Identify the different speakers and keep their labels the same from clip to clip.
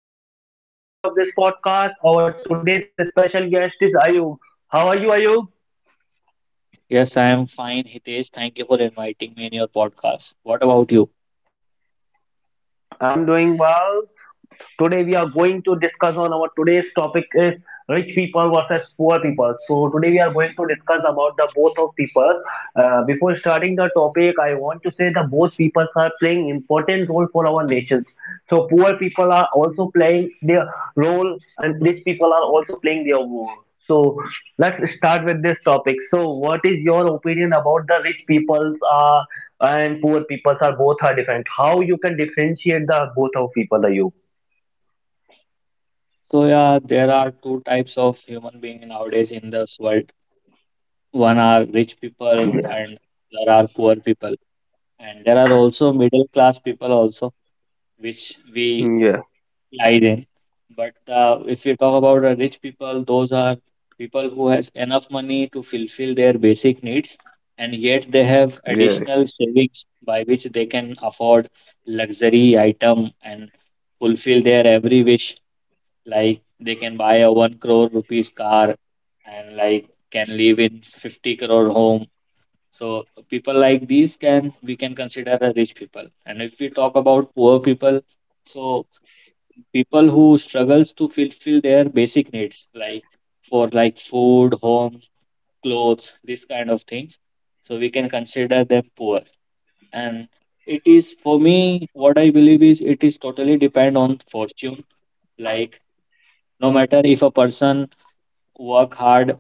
Speaker 1: am Hitesh. I am the host of this podcast. Our today's special guest is Ayub. How are you, Ayub?
Speaker 2: Yes, I am fine, Hitesh. Thank you for inviting me in your podcast. What about you?
Speaker 1: I'm doing well. Today we are going to discuss on our today's topic is rich people versus poor people. So today we are going to discuss about the both of people. Before starting the topic, I want to say that both peoples are playing important role for our nations. So poor people are also playing their role, and rich people are also playing their role. So let's start with this topic. So what is your opinion about the rich peoples are and poor peoples are both are different? How you can differentiate the both of people? Are you?
Speaker 2: So, yeah, there are two types of human being nowadays in this world. One are rich people
Speaker 1: Yeah,
Speaker 2: and there are poor people. And there are also middle class people also, which we
Speaker 1: yeah,
Speaker 2: lie there. But if you talk about the rich people, those are people who has enough money to fulfill their basic needs, and yet they have
Speaker 1: yeah.
Speaker 2: additional savings by which they can afford luxury item and fulfill their every wish. Like they can buy a 1 crore rupees car, and like can live in 50 crore home. So people like these can we can consider a rich people. And if we talk about poor people, so people who struggles to fulfill their basic needs, like for like food, home, clothes, this kind of things, so we can consider them poor. And it is for me, what I believe is it is totally depend on fortune. Like no matter if a person work hard,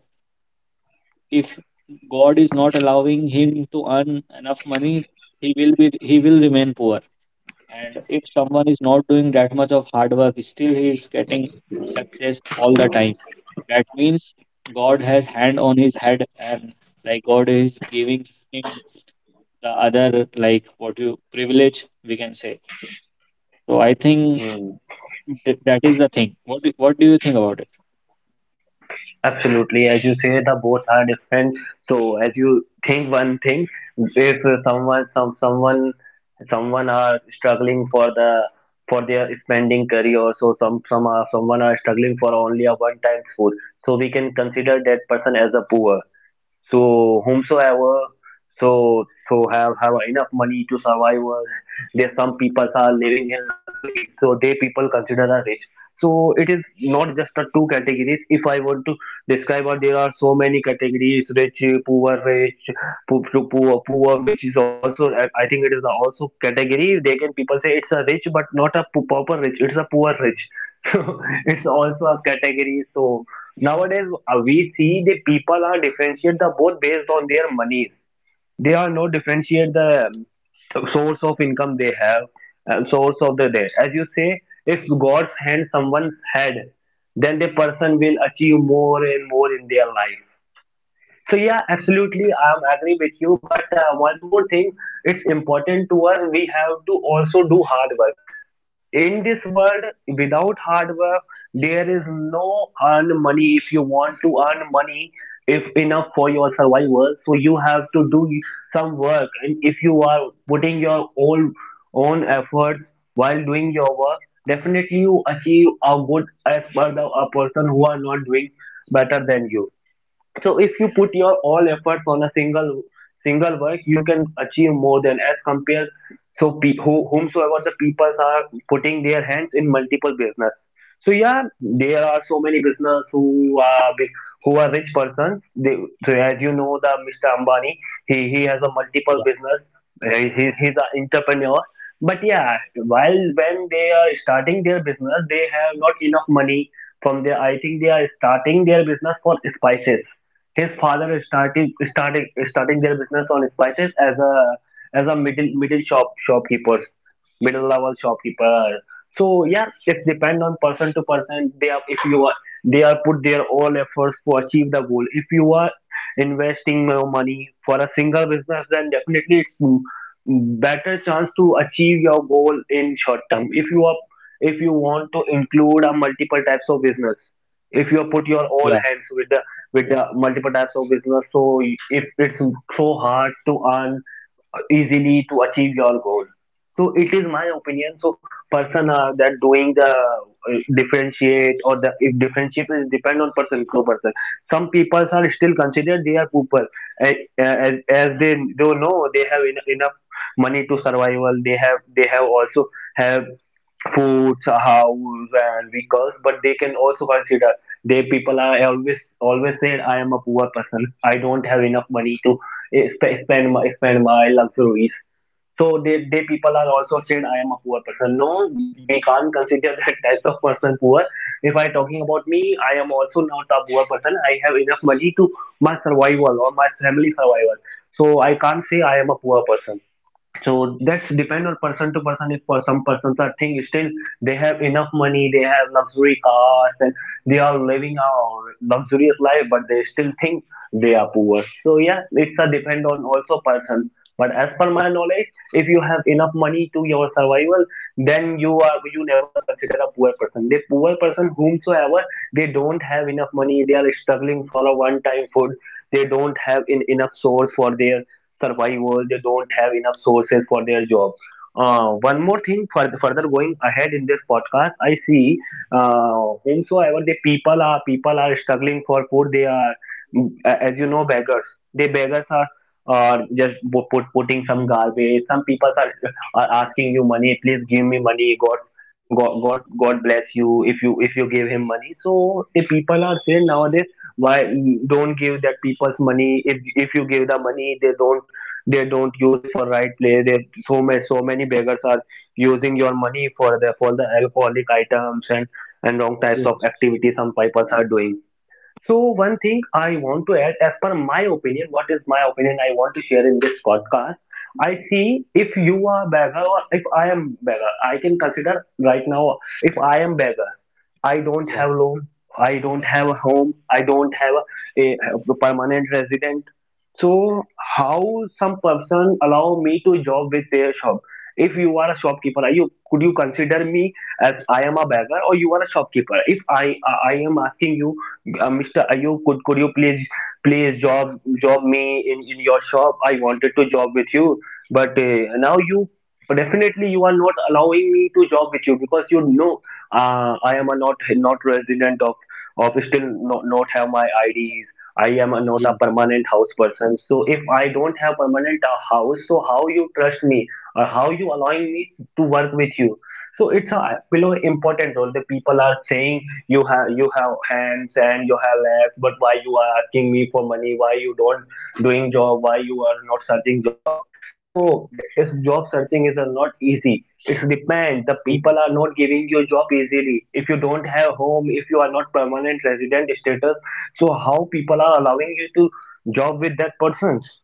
Speaker 2: if god is not allowing him to earn enough money, he will remain poor. And if someone is not doing that much of hard work, still he is getting success all the time. That means God has hand on his head, and like God is giving him the other, like what you privilege we can say. So I think
Speaker 1: Mm,
Speaker 2: that is the thing. What do you think about it?
Speaker 1: Absolutely. As you say, the both are different. So as you think one thing, if someone some someone someone are struggling for the for their spending career, so someone are struggling for only a one time food. So we can consider that person as a poor. So whomsoever so have enough money to survive, or there some people are living in luxury so they people consider are rich. So it is not just the two categories. If I want to describe, or there are so many categories: rich, poor, rich, poor, poor, which is also, I think it is also category. They can people say it's a rich but not a proper rich, it's a poor rich. So it's also a category. So nowadays we see the people are differentiate the both based on their money. They are not differentiate the source of income they have, source of the debt. As you say, if god's hand someone's head, then the person will achieve more and more in their life. So yeah, absolutely, I am agree with you, but one more thing: it's important to us, we have to also do hard work in this world. Without hard work, there is no earn money. If you want to earn money, if enough for your survival, so you have to do some work. And if you are putting your own efforts while doing your work, definitely you achieve a good as per the a person who are not doing better than you. So if you put your all efforts on a single work, you can achieve more than as compared. So whomsoever the people are putting their hands in multiple business. So yeah, there are so many business who are who are rich persons, they, so as you know, the Mr. Ambani, he has a
Speaker 2: Yeah,
Speaker 1: multiple business. Uh, he's an entrepreneur, but yeah, while when they are starting their business, they have not enough money from their. I think they are starting their business for spices. His father is starting their business on spices as a middle shopkeepers, middle level shopkeeper. So yeah, it depends on person to person. They are, if you are, they are put their all efforts to achieve the goal. If you are investing your money for a single business, then definitely better chance to achieve your goal in short term. If you are, if you want to include a multiple types of business, if you put your all
Speaker 2: yeah,
Speaker 1: hands with the multiple types of business, so if it's so hard to earn easily to achieve your goal. So it is my opinion. So person that doing the differentiate, or the if differentiate is depend on person to person. Some people are still considered they are people, eh, as they don't know they have enough money to survival. They have, they have also have food, house and vehicles, but they can also consider they people are always said I am a poor person, I don't have enough money to spend my spend my luxuries. So they people are also said I am a poor person. No, we can't consider that type of person poor. If I talking about me, I am also not a poor person. I have enough money to my survival or my family survival. So I can't say I am a poor person. So that's depend on person to person. If for some persons are think still they have enough money, they have luxury cars, and they are living a luxurious life, but they still think they are poor. So yeah, it's a depend on also person. But as per my knowledge, if you have enough money to your survival, then you are you never consider a poor person. The poor person whomsoever they don't have enough money, they are struggling for a one-time food. They don't have enough source for their survival. They don't have enough sources for their job. One more thing, further going ahead in this podcast, I see whomsoever the people are struggling for food, they are, as you know, beggars, they beggars are just putting some garbage. Some people are asking you money: please give me money, god god bless you if you, if you give him money. So the people are saying nowadays, why don't give that people's money? If you give the money, they don't, they don't use for right place. They So many beggars are using your money for the alcoholic items and wrong types of
Speaker 2: yes,
Speaker 1: activities some people are doing. So one thing I want to add, as per my opinion, what is my opinion I want to share in this podcast? I see, if you are beggar, or if I am beggar, I can consider right now, if I am beggar, I don't
Speaker 2: yeah,
Speaker 1: have loan, I don't have a home, I don't have a, a permanent resident. So how some person allow me to job with their shop? If you are a shopkeeper, are you, could you consider me as I am a beggar, or you are a shopkeeper? If I am asking you, Mr. Ayub, could you please, job me in your shop? I wanted to job with you, but now you, definitely you are not allowing me to job with you, because you know I am a not resident of still not have my IDs. I am a, not a
Speaker 2: yeah,
Speaker 1: permanent house person. So if I don't have permanent house, so how you trust me or how you allowing me to work with you? So it's a below important role. The people are saying, you have, you have hands and you have legs, but why you are asking me for money, why you don't doing job, why you are not searching job? So if job searching is not easy, it depends, the
Speaker 2: yeah,
Speaker 1: people are not giving you job easily if you don't have home, if you are not permanent resident status. So how people are allowing you to job with that persons?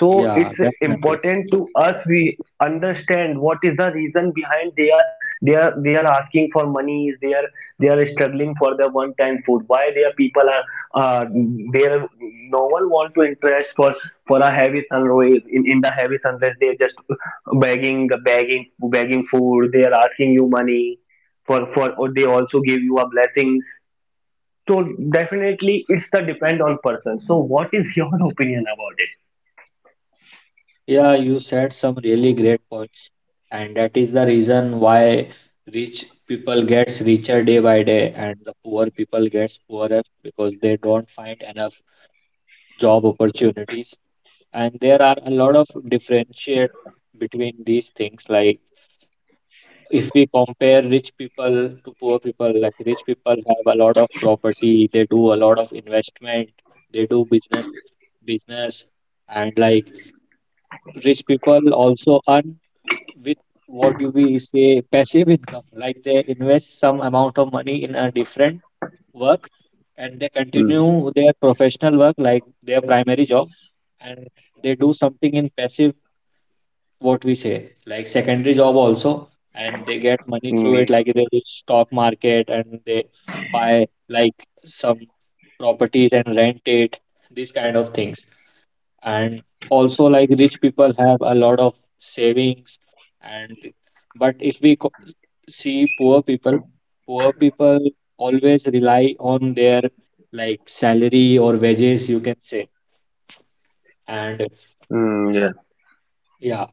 Speaker 1: So
Speaker 2: yeah,
Speaker 1: it's
Speaker 2: definitely.
Speaker 1: important to us, we understand what is the reason behind, they are, they are, they are asking for money, they are, they are struggling for the one time food. Why their people are uh, there no one want to interest for a heavy sunrise? In the heavy sunrise, they are just begging begging food, they are asking you money for, or they also give you a blessings. So definitely it's the depend on person. So what is your opinion about
Speaker 2: Yeah, you said some really great points, and that is the reason why rich people gets richer day by day, and the poor people gets poorer because they don't find enough job opportunities. And there are a lot of differentiate between these things. Like if we compare rich people to poor people, like rich people have a lot of property, they do a lot of investment, they do business and like rich people also earn with, what do we say, passive income. Like they invest some amount of money in a different work, and they
Speaker 1: it?
Speaker 2: continue their professional work like their primary job, and they do something in passive, what we say, like secondary job also, and they get money through it.
Speaker 1: Yeah.
Speaker 2: Like they do stock market and they buy like some properties and rent it, these kind of things. And also like rich people have a lot of savings. And but if we see poor people. Poor people always rely on their like salary or wages you can say. And
Speaker 1: Yeah.
Speaker 2: yeah,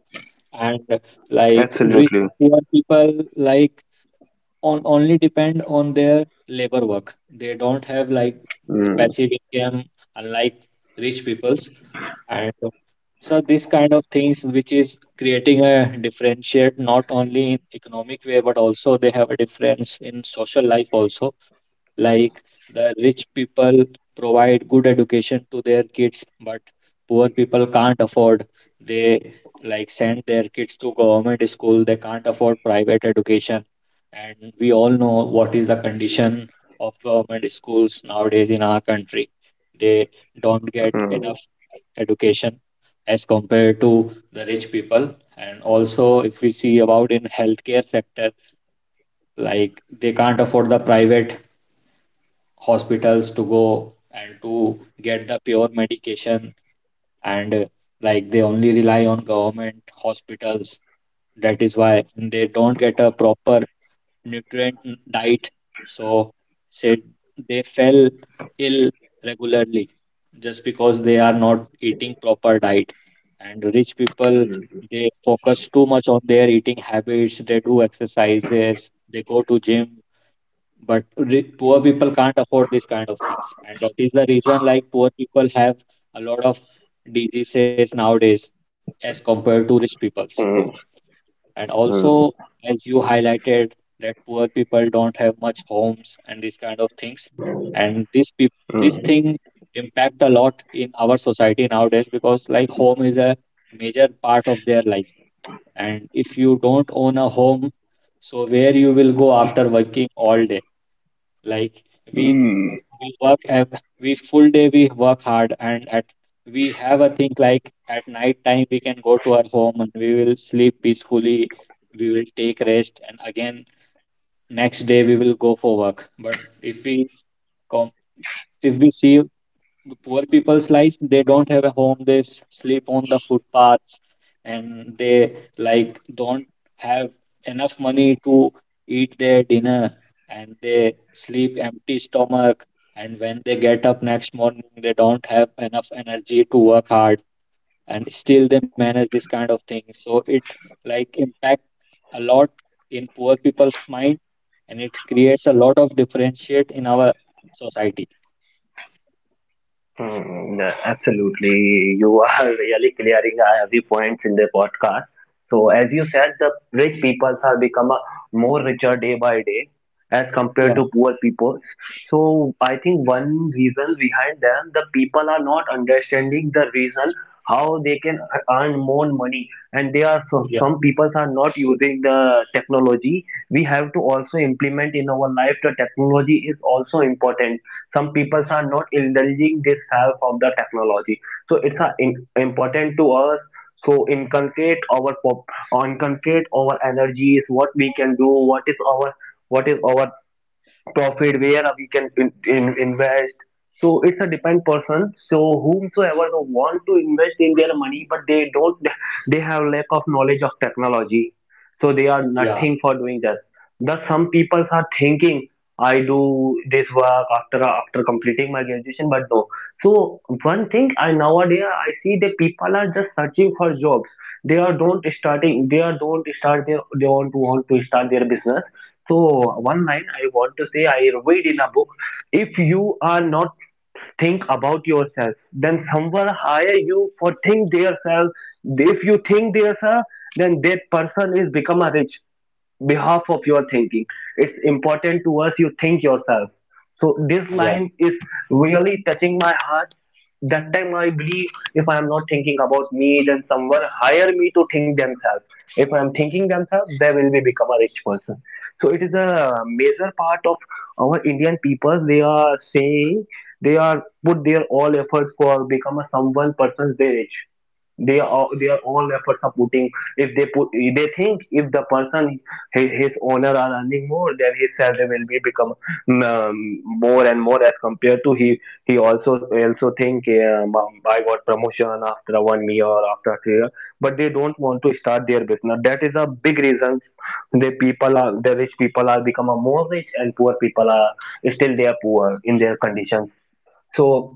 Speaker 2: and like rich
Speaker 1: Absolutely.
Speaker 2: poor people like on only depend on their labor work. They don't have like a
Speaker 1: Mm,
Speaker 2: passive income unlike rich peoples. And so this kind of things which is creating a differentiate not only in economic way, but also they have a difference in social life also. Like the rich people provide good education to their kids, but poor people can't afford, they like send their kids to government school, they can't afford private education, and we all know what is the condition of government schools nowadays in our country. They don't get
Speaker 1: mm,
Speaker 2: enough education as compared to the rich people. And also if we see about in healthcare sector, like they can't afford the private hospitals to go and to get the pure medication, and like they only rely on government hospitals. That is why they don't get a proper nutrient diet. So said, they fell ill regularly just because they are not eating proper diet. And rich people,
Speaker 1: mm,
Speaker 2: they focus too much on their eating habits, they do exercises, they go to gym. But re poor people can't afford these kind of things, and that is the reason like poor people have a lot of diseases nowadays as compared to rich peoples.
Speaker 1: mm,
Speaker 2: And
Speaker 1: mm,
Speaker 2: also, as you highlighted that poor people don't have much homes and these kind of things, and this
Speaker 1: mm.
Speaker 2: thing impact a lot in our society nowadays. Because like home is a major part of their life, and if you don't own a home, so where you will go after working all day. Like we
Speaker 1: Mm.
Speaker 2: we full day we work hard, and at we have a thing like at night time we can go to our home and we will sleep peacefully. We will take rest and again next day we will go for work. But if we com if we see the poor people's life, they don't have a home, they sleep on the footpaths, and they like don't have enough money to eat their dinner, and they sleep empty stomach. And when they get up next morning they don't have enough energy to work hard, and still they manage this kind of thing, so it like impact a lot in poor people's mind, and it creates a lot of differentiate in our society.
Speaker 1: Hmm, yeah, absolutely. You are really clearing every point in the podcast. So as you said, the rich peoples are become more richer day by day as compared
Speaker 2: yeah,
Speaker 1: to poor peoples. So I think one reason behind them, the people are not understanding the reason how they can earn more money, and they are
Speaker 2: yeah,
Speaker 1: some people are not using the technology. We have to also implement in our life, the technology is also important. Some people are not indulging this help of the technology. So it's a important to us, so inculcate our inculcate our energies, what we can do, what is our, what is our profit, where we can invest. So it's a depend person. So whomsoever who want to invest in their money, but they don't, they have lack of knowledge of technology, so they are
Speaker 2: yeah,
Speaker 1: nothing for doing this. Thus some people are thinking I do this work after completing my graduation, but no. So one thing I, nowadays I see that people are just searching for jobs. They are don't starting. They are don't start their. They want to start their business. So one line I want to say I read in a book. If you are not think about yourself, then someone hire you for think theirself. If you think theirself, then that person is become a rich behalf of your thinking. It's important to us you think yourself. So this
Speaker 2: yeah,
Speaker 1: line is really touching my heart. That time I believe if I am not thinking about me, then someone hire me to think themselves. If I am thinking themselves, they will be become a rich person. So it is a major part of our Indian people. They are saying they are put their all efforts for become a someone persons they rich, they are their own efforts are putting. If they put, they think if the person, his owner are earning more, then his salary will be become more and more as compared to he. He also think I got promotion after 1 year or after 2 year, but they don't want to start their business. That is a big reason the people are, the rich people are become a more rich and poor people are still they are poor in their conditions. So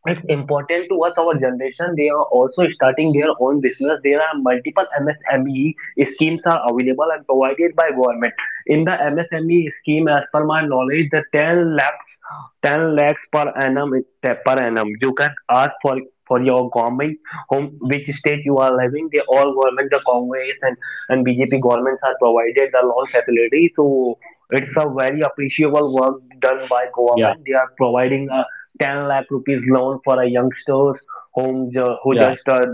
Speaker 1: it's important to us, our generation. They are also starting their own business. There are multiple MSME schemes are available and provided by government. In the MSME scheme, as per my knowledge, the 10 lakhs, per annum. You can ask for your government home, which state you are living, they all government, the congress and bjp governments are provided the loan facility. So it's a very appreciable work done by
Speaker 2: yeah,
Speaker 1: government. They are providing a 10 lakh rupees loan for a youngsters who
Speaker 2: yeah,
Speaker 1: just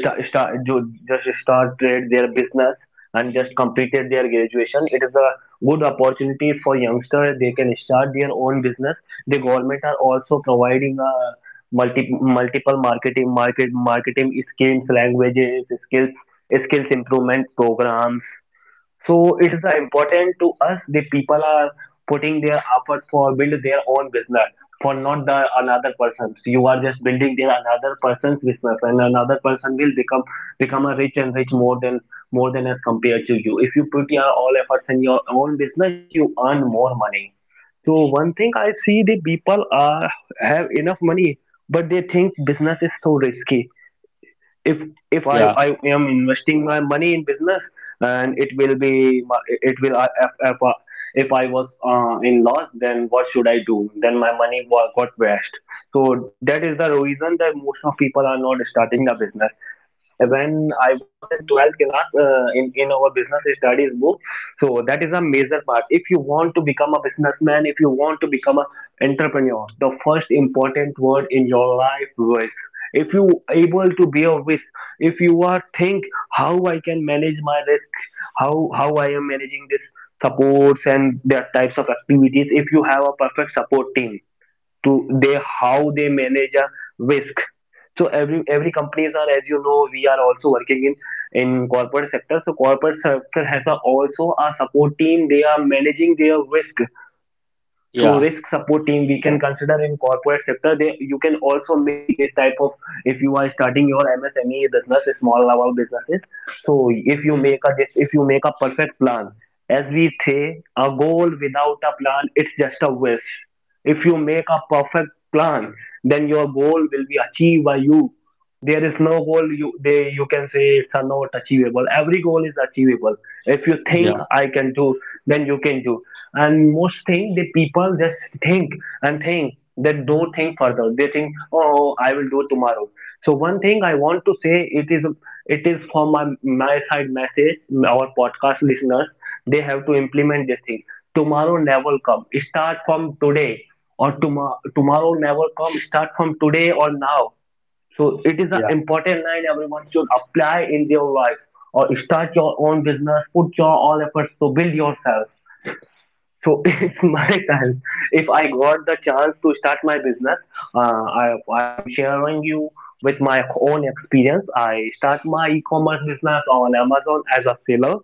Speaker 1: just started their business and just completed their graduation. It is a good opportunity for youngsters. They can start their own business. The government are also providing a multiple marketing schemes, languages skills, skills improvement programs. So it is the important to us the people are putting their effort for build their own business, for not the another person's. You are just building their another person's business and another person will become a rich and rich, more than as compared to you. If you put your all efforts in your own business, you earn more money. So one thing I see, the people are have enough money, but they think business is so risky. If if I,
Speaker 2: yeah,
Speaker 1: I am investing my money in business and it will be it if I was in loss, then what should I do? Then my got washed. So that is the reason that most of people are not starting the business. When I was in 12th class in our business studies book. So that is a major part. If you want to become a businessman, if you want to become an entrepreneur, the first important word in your life was if you able to be a wish, if you are think how I can manage my risk, how I am managing this supports and that types of activities, if you have a perfect support team to they how they manage a risk. So every companies are, as you know, we are also working in corporate sector. So corporate sector has a, also a support team. They are managing their risk. So
Speaker 2: yeah,
Speaker 1: risk support team we can consider in corporate sector. They you can also make this type of, if you are starting your MSME business, small level businesses. So if you make a this if you make a perfect plan, as we say, a goal without a plan it's just a wish. If you make a perfect plan, then your goal will be achieved by you. There is no goal you they you can say it's a not achievable. Every goal is achievable. If you
Speaker 2: yeah,
Speaker 1: think I can do, then you can do. And most thing, the people just think and think, they don't think further, they think, oh, I will do tomorrow. So one thing I want to say, it is, it is from my side message, our podcast listeners, they have to implement this thing. Tomorrow never come, start from today. Or tomorrow never come, start from today or now. So it is an
Speaker 2: yeah,
Speaker 1: important line everyone should apply in their life, or start your own business, put your all efforts to build yourself. So it's my time. If I got the chance to start my business, I am sharing you with my own experience. I start my e-commerce business on Amazon as a seller.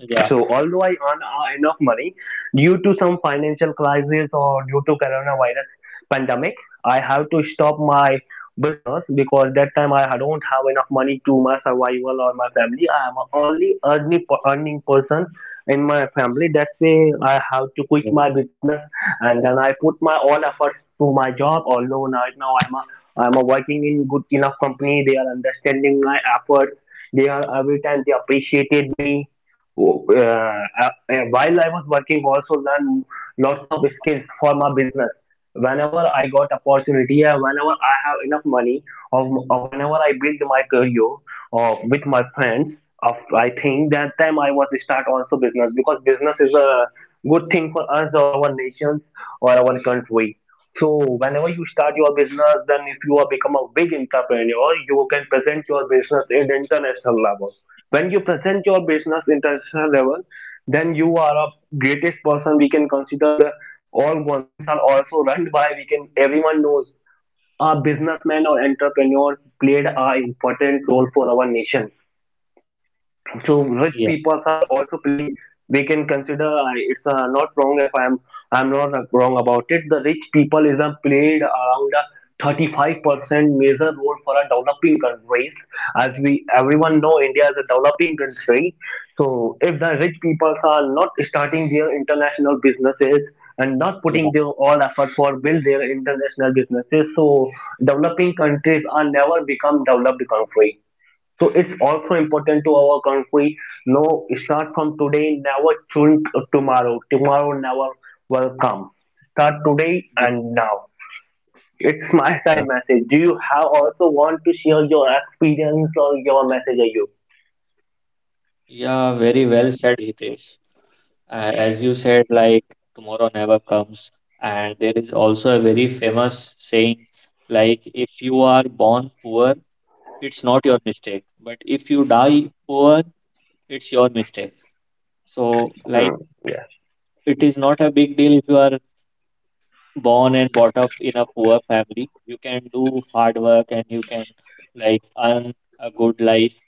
Speaker 2: yeah,
Speaker 1: So although I earn enough money, due to some financial crisis or due to coronavirus pandemic, I have to stop my business because that time I don't have enough money to my survival or my family. I am only earning person in my family. That's why I have to quit
Speaker 2: yeah,
Speaker 1: my business. And then I put my all efforts to my job. Although right now I'm a working in good enough company. They are understanding my efforts. They are every time they appreciated me. uh, uh, while I was working, also learn lots of skills for my business. Whenever I got opportunity, whenever I have enough money, or, or whenever I build my career or with my friends, of I think that time I was start also business, because business is a good thing for us or our nations or our country. So whenever you start your business, then if you are become a big entrepreneur, you can present your business in the international level. When you present your business international level, then you are a greatest person. We can consider the all governments are also run by. We can, everyone knows a businessman or entrepreneur played a important role for our nation. So rich
Speaker 2: yeah,
Speaker 1: people are also playing, they can consider, I it's not wrong, if I'm not wrong about it, the rich people is played around a 35% major role for a developing countries. As we, everyone know, india is a developing country. So if the rich people are not starting their international businesses and not
Speaker 2: yeah,
Speaker 1: putting their all effort for build their international businesses, so developing countries are never become developed country. So it's also important to our country. No, start from today, never choose tomorrow. Tomorrow never will come. Start today
Speaker 2: yeah,
Speaker 1: and now. It's my side
Speaker 2: yeah.
Speaker 1: message. Do you have also want to share your experience or your message? Are you?
Speaker 2: Yeah, very well said, Hitesh. As you said, like tomorrow never comes, and there is also a very famous saying. Like if you are born poor, it's not your mistake, but if you die poor, it's your mistake. So, like,
Speaker 1: Hmm. Yes.
Speaker 2: it is not a big deal if you are born and brought up in a poor family, you can do hard work and you can like earn a good life.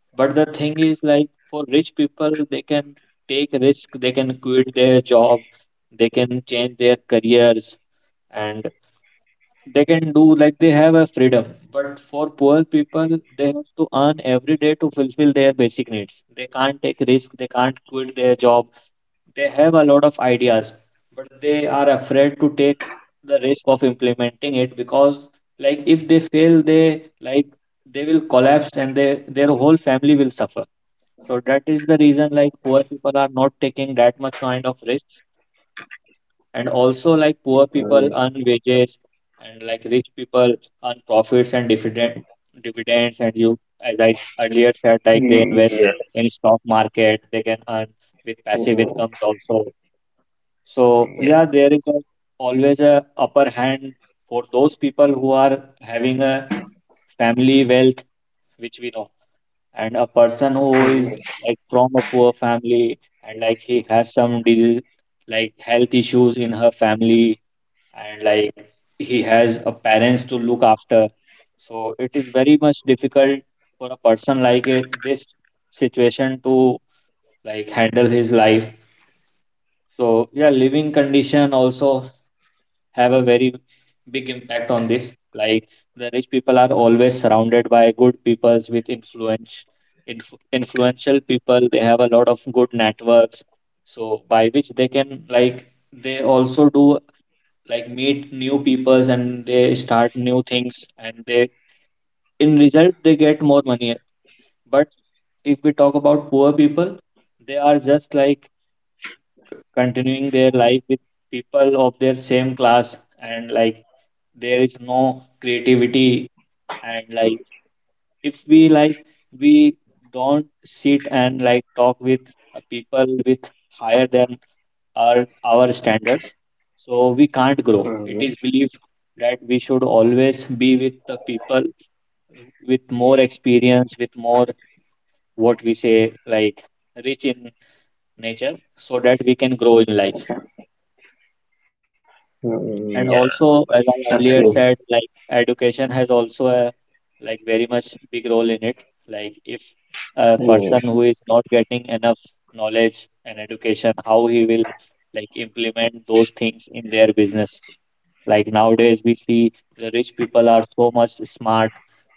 Speaker 2: But the thing is, like for rich people, they can take risk, they can quit their job, they can change their careers, and they can do, like they have a freedom. But for poor people, they have to earn every day to fulfill their basic needs. They can't take risk, they can't quit their job, they have a lot of ideas, but they are afraid to take the risk of implementing it because, like, if they fail, they will collapse and they their whole family will suffer. So that is the reason like poor people are not taking that much kind of risks. And also like poor people
Speaker 1: Mm,
Speaker 2: earn wages, and like rich people earn profits and dividends, and you, as I earlier said, like they
Speaker 1: mm,
Speaker 2: invest
Speaker 1: yes.
Speaker 2: in stock market, they can earn with passive
Speaker 1: Mm,
Speaker 2: incomes also. So yeah,
Speaker 1: yes.
Speaker 2: there is a, always a upper hand for those people who are having a family wealth, which we know. And a person who is
Speaker 1: Mm,
Speaker 2: like from a poor family and like he has some disease, like health issues in her family, and like he has a parents to look after. So it is very much difficult for a person like it, this situation to like handle his life. So yeah, living condition also have a very big impact on this. Like the rich people are always surrounded by good peoples with influence, inf influential people. They have a lot of good networks, so by which they can, like they also do, like meet new peoples and they start new things, and they in result they get more money. But if we talk about poor people, they are just like continuing their life with people of their same class. And like there is no creativity. And like if we don't sit and like talk with people with higher than our standards, so we can't grow. It
Speaker 1: mm,
Speaker 2: is believed that we should always be with the people with more experience, with more, what we say, like rich in nature, so that we can grow in life.
Speaker 1: mm,
Speaker 2: And
Speaker 1: yes.
Speaker 2: also, as I earlier
Speaker 1: Absolutely.
Speaker 2: said, like education has also a like very much big role in it. Like if a
Speaker 1: Mm,
Speaker 2: person who is not getting enough knowledge and education, how he will like implement those things in their business. Like nowadays, we see the rich people are so much smart,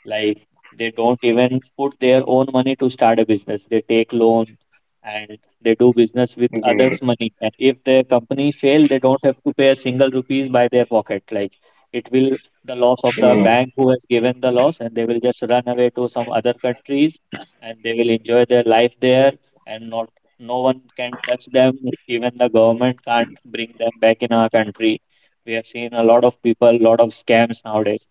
Speaker 2: like they don't even put their own money to start a business. They take loan and they do business with
Speaker 1: mm, mm,
Speaker 2: others' money. And if their company fail, they don't have to pay a single rupees by their pocket. Like it will the loss of the bank who has given the loss, and they will just run away to some other countries and they will enjoy their life there, and not no one can touch them. Even the government can't bring them back in our country. We have seen a lot of people, a lot of scams nowadays,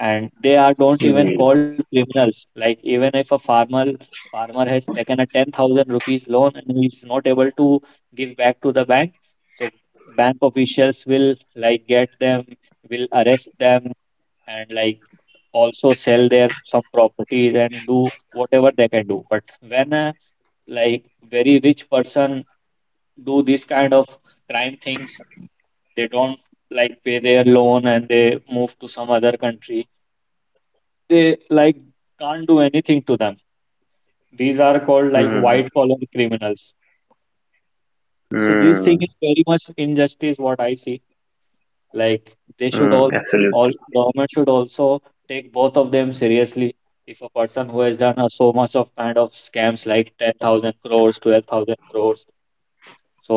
Speaker 2: and they are don't even
Speaker 1: mm,
Speaker 2: called criminals. Like even if a farmer has taken a 10,000 rupees loan and he is not able to give back to the bank, so bank officials will like get them, will arrest them, and like also sell their some properties and do whatever they can do. But when a like very rich person do this kind of crime things, they don't like pay their loan and they move to some other country, they like can't do anything to them. These are called like
Speaker 1: mm,
Speaker 2: white collar criminals. So this thing
Speaker 1: mm,
Speaker 2: is very much injustice what I see. Like they should
Speaker 1: mm,
Speaker 2: all,
Speaker 1: absolutely.
Speaker 2: government should also take both of them seriously. If a person who has done a, so much of kind of scams like 10,000 crores, 12,000 crores, so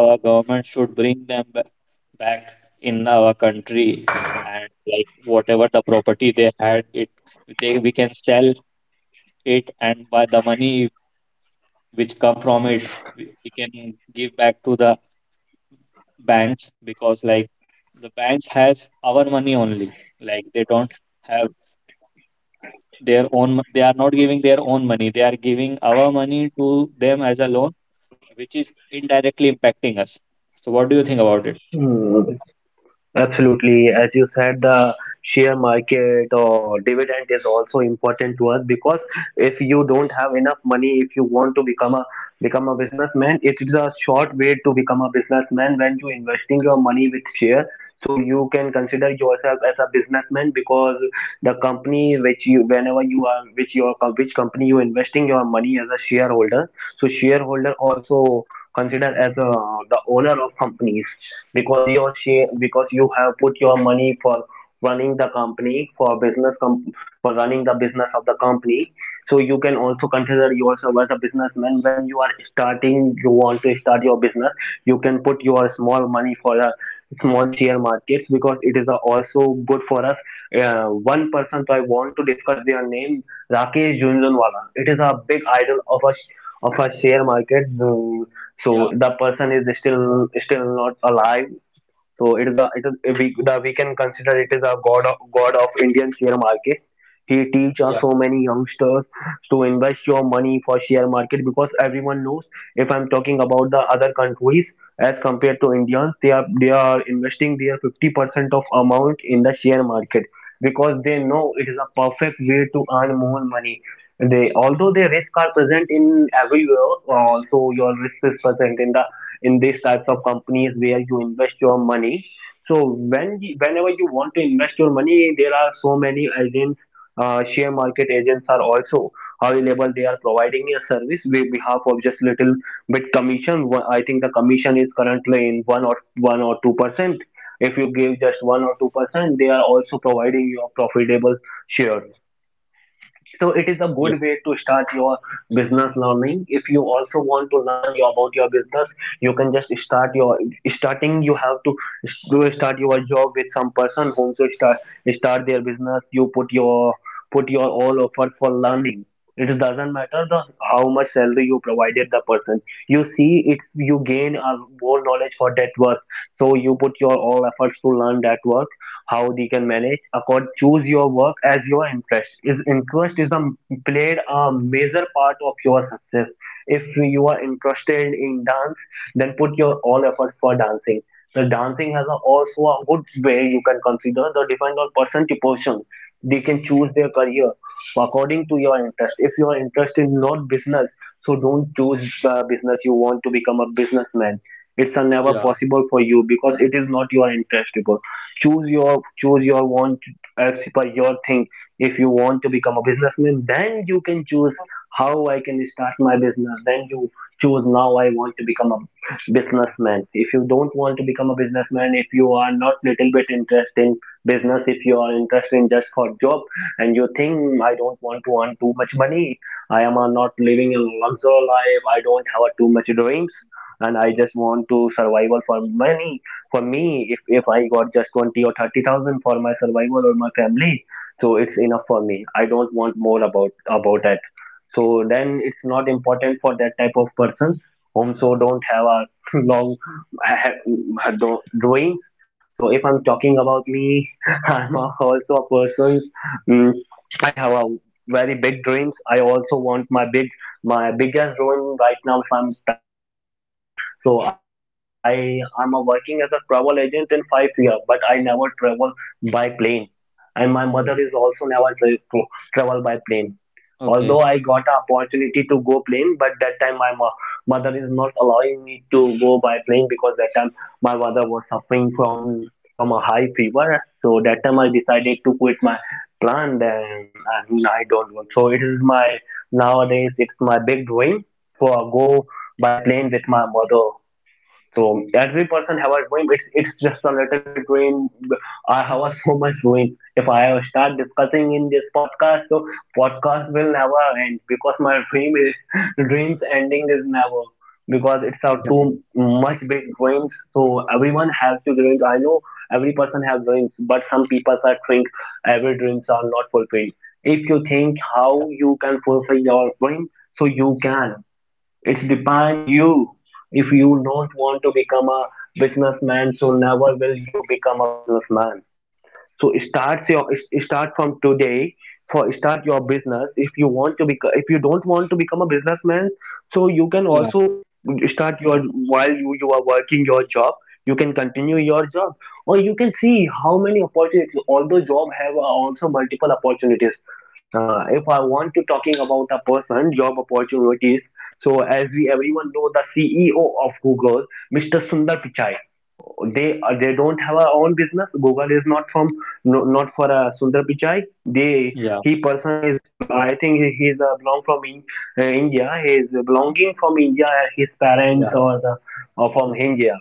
Speaker 2: our government should bring them back in our country. And like whatever the property they had, it, they we can sell it, and by the money which come from it, we can give back to the banks, because like the banks has our money only. Like they don't have their own, they are not giving their own money, they are giving our money to them as a loan, which is indirectly impacting us. So what do you think about it?
Speaker 1: Mm. Absolutely. As you said, the share market or dividend is also important to us, because if you don't have enough money, if you want to become a, become a businessman, it is a short way to become a businessman when you investing your money with share. So you can consider yourself as a businessman because the company which you, whenever you are, which your which company you investing your money as a shareholder. So shareholder also consider as a, the owner of companies, because your share, because you have put your money for running the company for for running the business of the company. So you can also consider yourself as a businessman. When you are starting, you want to start your business, you can put your small money for a small share markets, because it is also good for us. One person, so I want to discuss their name, Rakesh Jhunjhunwala. It is a big idol of a, of a share market. Mm.
Speaker 2: Yeah,
Speaker 1: So the person is still not alive. So it is, a it is, we the, we can consider it is a god of, god of Indian share market. He teaches
Speaker 2: yeah.
Speaker 1: so many youngsters to invest your money for share market, because everyone knows, if I'm talking about the other countries as compared to Indians, they are, they are investing their 50% of amount in the share market, because they know it is a perfect way to earn more money. They although their risk are present in everywhere, also your risk is present in the, in these types of companies where you invest your money. So whenever you want to invest your money, there are so many agents, share market agents are also available. They are providing a service with behalf of just little bit commission. I think the commission is currently in 1 or 1 or 2%. If you give just 1 or 2 percent, they are also providing you a profitable share, so it is a good way to start your business learning. If you also want to learn about your business, you can just start your starting. You have to do start your job with some person whom to start their business. You put your all effort for learning. It doesn't matter the how much salary you provided the person. You see, it's you gain a more knowledge for that work, so you put your all efforts to learn that work, how they can manage accord. Choose your work as your interest. Is interest is a played a major part of your success. If you are interested in dance, then put your all efforts for dancing. The dancing has a, also a good way. You can consider the depend on person to person. They can choose their career according to your interest. If your interest is not business, so don't choose business. You want to become a businessman, it's a never
Speaker 2: Yeah.
Speaker 1: possible for you because it is not your interest. Choose your want as per your thing. If you want to become a businessman, then you can choose how I can start my business. Then you choose, now I want to become a businessman. If you don't want to become a businessman, if you are not little bit interested in business, if you are interested in just for job, and you think I don't want to earn too much money, I am not living a luxury life, I don't have too much dreams, and I just want to survival for money. For me, if I got just 20 or 30,000 for my survival or my family, so it's enough for me. I don't want more about that. So then it's not important for that type of persons whom so don't have a long doing. So if I'm talking about me, I'm also a person. mm, I have a very big dreams. I also want my big my biggest dream right now. If I'm talking about me, so I am working as a travel agent in 5 years, but I never travel by plane, and my mother is
Speaker 2: Mm,
Speaker 1: also never tra- to travel by plane. Although I
Speaker 2: okay.
Speaker 1: got an opportunity to go plane, but that time mother is not allowing me to go by plane because that time my mother was suffering from a high fever. So that time I decided to quit my plan, and I don't work. So it is my nowadays, it's my big dream for go by plane with my mother. So every person have a dream. It's just a little bit dream. I have a so much dream. If I start discussing in this podcast, so podcast will never end because my dream is dreams ending is never, because it's a
Speaker 2: Examine.
Speaker 1: too much big dreams. So everyone has to dreams. I know every person has dreams, but some people are think every dreams are not fulfilled. If you think how you can fulfill your dream, so you can. It depends you. If you don't want to become a businessman, so never will you become a businessman. So start your start from today for start your business. If you want to become, if you don't want to become a businessman, so you can
Speaker 2: Yeah.
Speaker 1: also start your while you are working your job. You can continue your job, or you can see how many opportunities, although job have also multiple opportunities. If I want to talking about a person job opportunities, so as we everyone know, the CEO of Google, Mr. Sundar Pichai, they don't have a own business. Google is not from, no, not for Sundar Pichai. They
Speaker 2: Yeah.
Speaker 1: He person is, I think he is belong from in, India. He is belonging from India. His
Speaker 2: Yeah.
Speaker 1: parents or the or from India.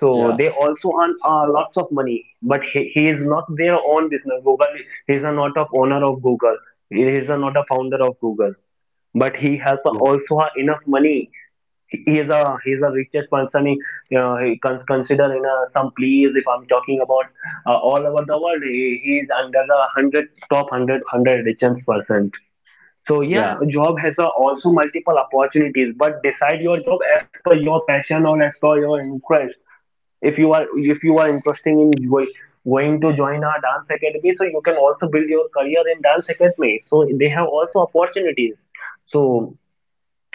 Speaker 1: So
Speaker 2: Yeah.
Speaker 1: they also earn lots of money, but he is not their own business Google. He is a not of owner of Google. He is a not a founder of Google, but he has
Speaker 2: Yeah.
Speaker 1: also a enough money. He is a richest person. You know, he consider in some place. If I'm talking about all over the world, he is under the 100 top hundred richest percent. So yeah, job has also multiple opportunities, but decide your job as per your passion or as per your interest. If you are interested in going to join a dance academy, so you can also build your career in dance academy, so they have also opportunities. So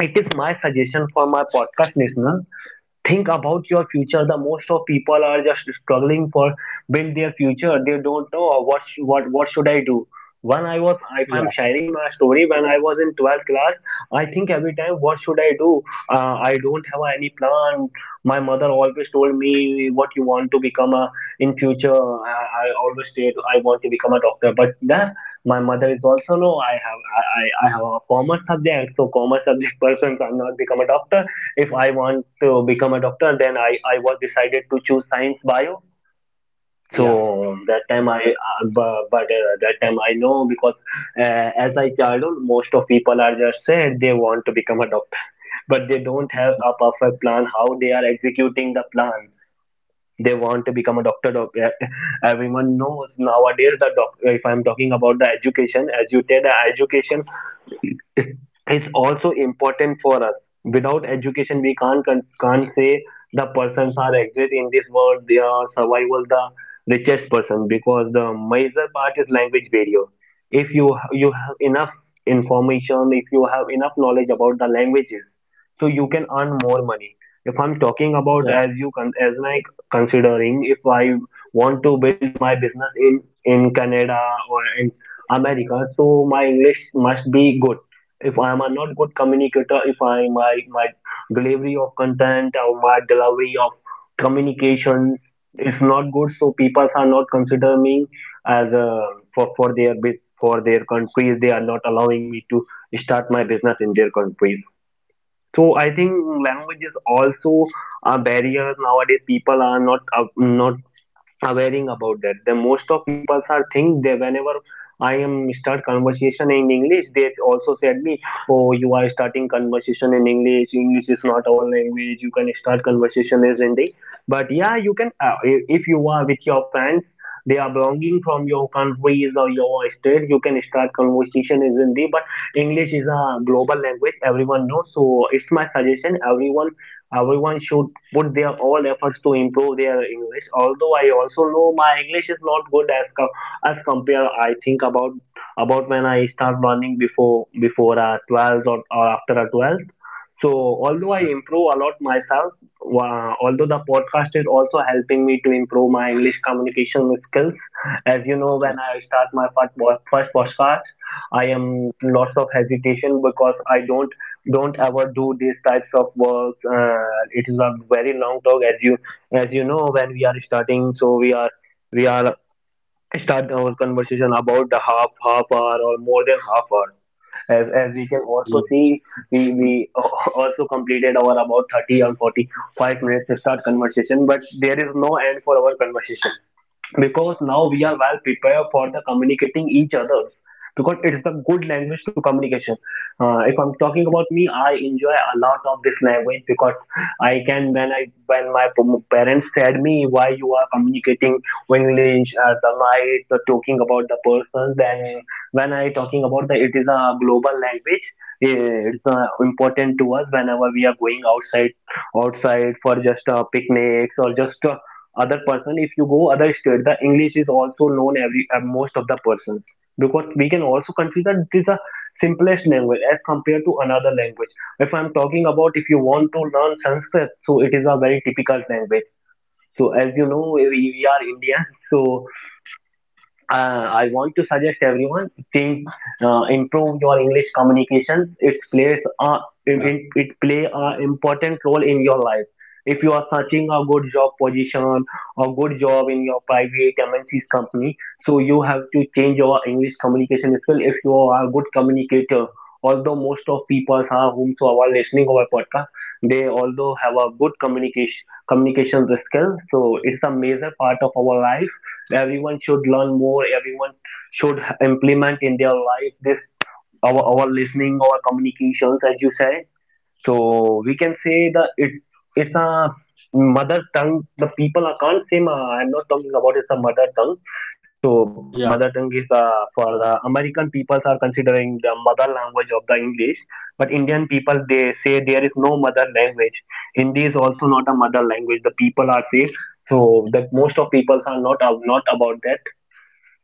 Speaker 1: it is my suggestion for my podcast listener. Think about your future. The most of people are just struggling for build their future. They don't know what what should I do. When I was, if I'm
Speaker 2: Yeah.
Speaker 1: sharing my story, when I was in 12th class, I think every time what should I do. I don't have any plan. My mother always told me what you want to become a in future. I always said I want to become a doctor, but then my mother is also no, I have I have a commerce subject. So commerce subject person cannot become a doctor. If I want to become a doctor, then I was decided to choose science bio.
Speaker 2: Yeah.
Speaker 1: So that time I bu- but that time I know because as I childhood, most of people are just said they want to become a doctor, but they don't have a perfect plan how they are executing the plan. They want to become a doctor. Everyone knows nowadays the doc. If I'm talking about the education, as you said, the education is is also important for us. Without education, we can't can't say the persons are exist in this world. They are survival the richest person because the major part is language barrier. If you you have enough information, if you have enough knowledge about the languages, so you can earn more money. If I'm talking
Speaker 2: Yeah.
Speaker 1: about
Speaker 2: Yeah.
Speaker 1: as you as my considering, if I want to build my business in Canada or in America, so my English must be good. If I am a not good communicator, if I my my delivery of content or my delivery of communication is not good, so people are not considering me as a, for their for their countries. They are not allowing me to start my business in their countries. So I think language is also a barrier nowadays. People are not not awareing about that. The most of people are think they whenever I am start conversation in English, they also said me, oh, you are starting conversation in English. English is not our language. You can start conversation as Hindi. But yeah, you can if you are with your friends, they are belonging from your countries or your state, you can start conversation in Hindi. But English is a global language. Everyone knows. So it's my suggestion. Everyone should put their all efforts to improve their English. Although I also know my English is not good as as compare. I think about when I start learning before a 12th, or after a 12th. So although I improve a lot myself, although the podcast is also helping me to improve my English communication skills. As you know,
Speaker 2: Yeah.
Speaker 1: when I start my first podcast, I am lots of hesitation because I don't ever do these types of works. It is a very long talk. As you know, when we are starting, so we are start our conversation about the half hour or more than half hour. As we can
Speaker 2: Yeah.
Speaker 1: also see, we also completed our about 30 or 45 minutes to start conversation, but there is no end for our conversation because now we
Speaker 2: Yeah.
Speaker 1: are well prepared for the communicating each other, because it's a good language to communication. If I'm talking about me, I enjoy a lot of this language, because I can when I when my parents said me why you are communicating English. The night the talking about the person, then when I talking about the it is a global language. It's important to us whenever we are going outside for just picnics or just other person. If you go other state, the English is also known every most of the persons, because we can also consider it is a simplest language as compared to another language. If I'm talking about, if you want to learn Sanskrit, so it is a very typical language. So as you know, we are Indians. So I want to suggest everyone think, improve your English communication. It plays a it,
Speaker 2: Yeah.
Speaker 1: it it play a important role in your life. If you are searching a good job position or good job in your private MNC's company, so you have to change your English communication skill. If you are a good communicator, although most of people are whomsoever listening our podcast, they although have a good communication skill. So it's a major part of our life. Everyone should learn more. Everyone should implement in their life this our listening our communications, as you say. So we can say that it's a mother tongue. The people, I can't say ma, I'm not talking about it's a mother tongue. So mother
Speaker 2: Yeah.
Speaker 1: tongue is for the American peoples are considering the mother language of the English, but Indian people they say there is no mother language. Hindi is also not a mother language, the people are saying. So the most of people are not about that.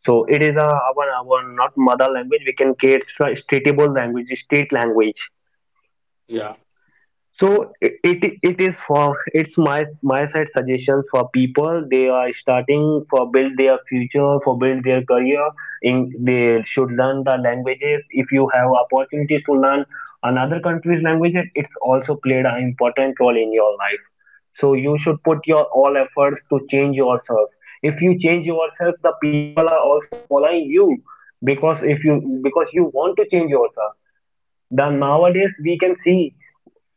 Speaker 1: So it is a, our not mother language. We can create a stateable language, state language.
Speaker 2: Yeah.
Speaker 1: So it is for it's my my side suggestions for people. They are starting for build their future, for build their career. In, they should learn the languages. If you have opportunities to learn another country's languages, it's also played an important role in your life. So you should put your all efforts to change yourself. If you change yourself, the people are also following you, because if you, because you want to change yourself. Then nowadays we can see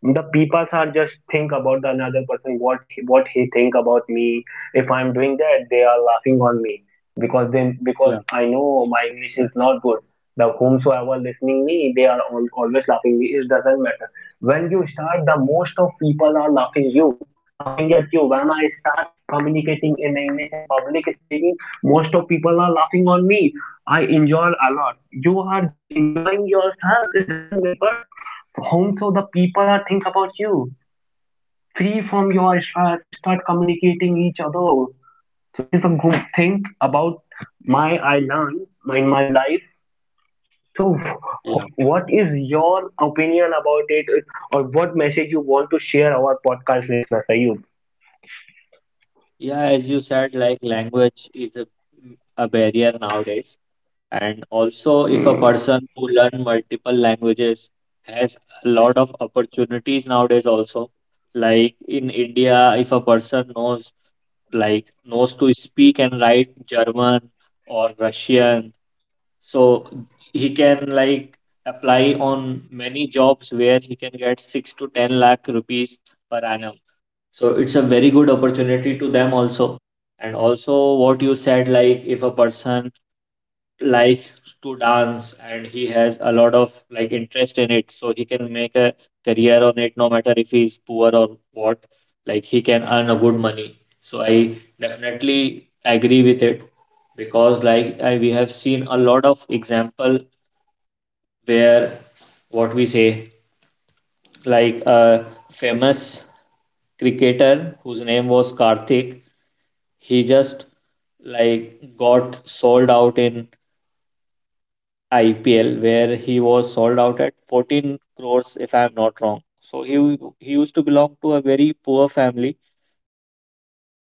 Speaker 1: the people are just think about the another person, what he think about me. If I'm doing that, they are laughing on me. Because then, because
Speaker 2: Yeah.
Speaker 1: I know my English is not good, the whomsoever listening me, they are always laughing me. It doesn't matter. When you start, the most of people are laughing you, laughing at you. When I start communicating in English, in public speaking, most of people are laughing on me. I enjoy a lot. You are just enjoying yourself. It doesn't matter home so the people are think about you. Free from your stress, start communicating each other. So it is a good thing about my I learned my life. So
Speaker 2: Yeah.
Speaker 1: what is your opinion about it, or what message you want to share our podcast listeners, Ayub?
Speaker 2: Yeah. As you said, like language is a, barrier nowadays. And also, if a
Speaker 1: Hmm,
Speaker 2: person who learn multiple languages has a lot of opportunities nowadays also. Like in India, if a person knows, like knows to speak and write German or Russian. So he can like apply on many jobs where he can get 6 to 10 lakh rupees per annum. So it's a very good opportunity to them
Speaker 1: hmm,
Speaker 2: also. And also what you said, like if a person likes to dance and he has a lot of like interest in it, so he can make a career on it no matter if he's poor
Speaker 1: hmm.
Speaker 2: or what. Like he can earn a good money, so I definitely agree with it.
Speaker 1: I think we are
Speaker 2: Because
Speaker 1: facing any
Speaker 2: like we
Speaker 1: technical
Speaker 2: have
Speaker 1: issue.
Speaker 2: seen a lot of
Speaker 1: So
Speaker 2: example
Speaker 1: I think we are discussing a lot
Speaker 2: where,
Speaker 1: about
Speaker 2: what
Speaker 1: this
Speaker 2: we say,
Speaker 1: topic, rich persons versus
Speaker 2: like
Speaker 1: poor
Speaker 2: a
Speaker 1: people.
Speaker 2: famous
Speaker 1: So I am ending this
Speaker 2: cricketer whose name
Speaker 1: podcast
Speaker 2: was
Speaker 1: with my
Speaker 2: Karthik.
Speaker 1: my
Speaker 2: He just
Speaker 1: knowledgeful
Speaker 2: like
Speaker 1: friend,
Speaker 2: got
Speaker 1: Mr.
Speaker 2: sold
Speaker 1: Ayub.
Speaker 2: out in
Speaker 1: So thank you for joining our
Speaker 2: IPL where
Speaker 1: podcast.
Speaker 2: he was sold out at
Speaker 1: Bye
Speaker 2: 14
Speaker 1: bye. Have
Speaker 2: crores,
Speaker 1: a
Speaker 2: if
Speaker 1: nice
Speaker 2: I'm not
Speaker 1: day.
Speaker 2: wrong. So he
Speaker 1: Bye
Speaker 2: used to
Speaker 1: bye.
Speaker 2: belong to a very poor family, but now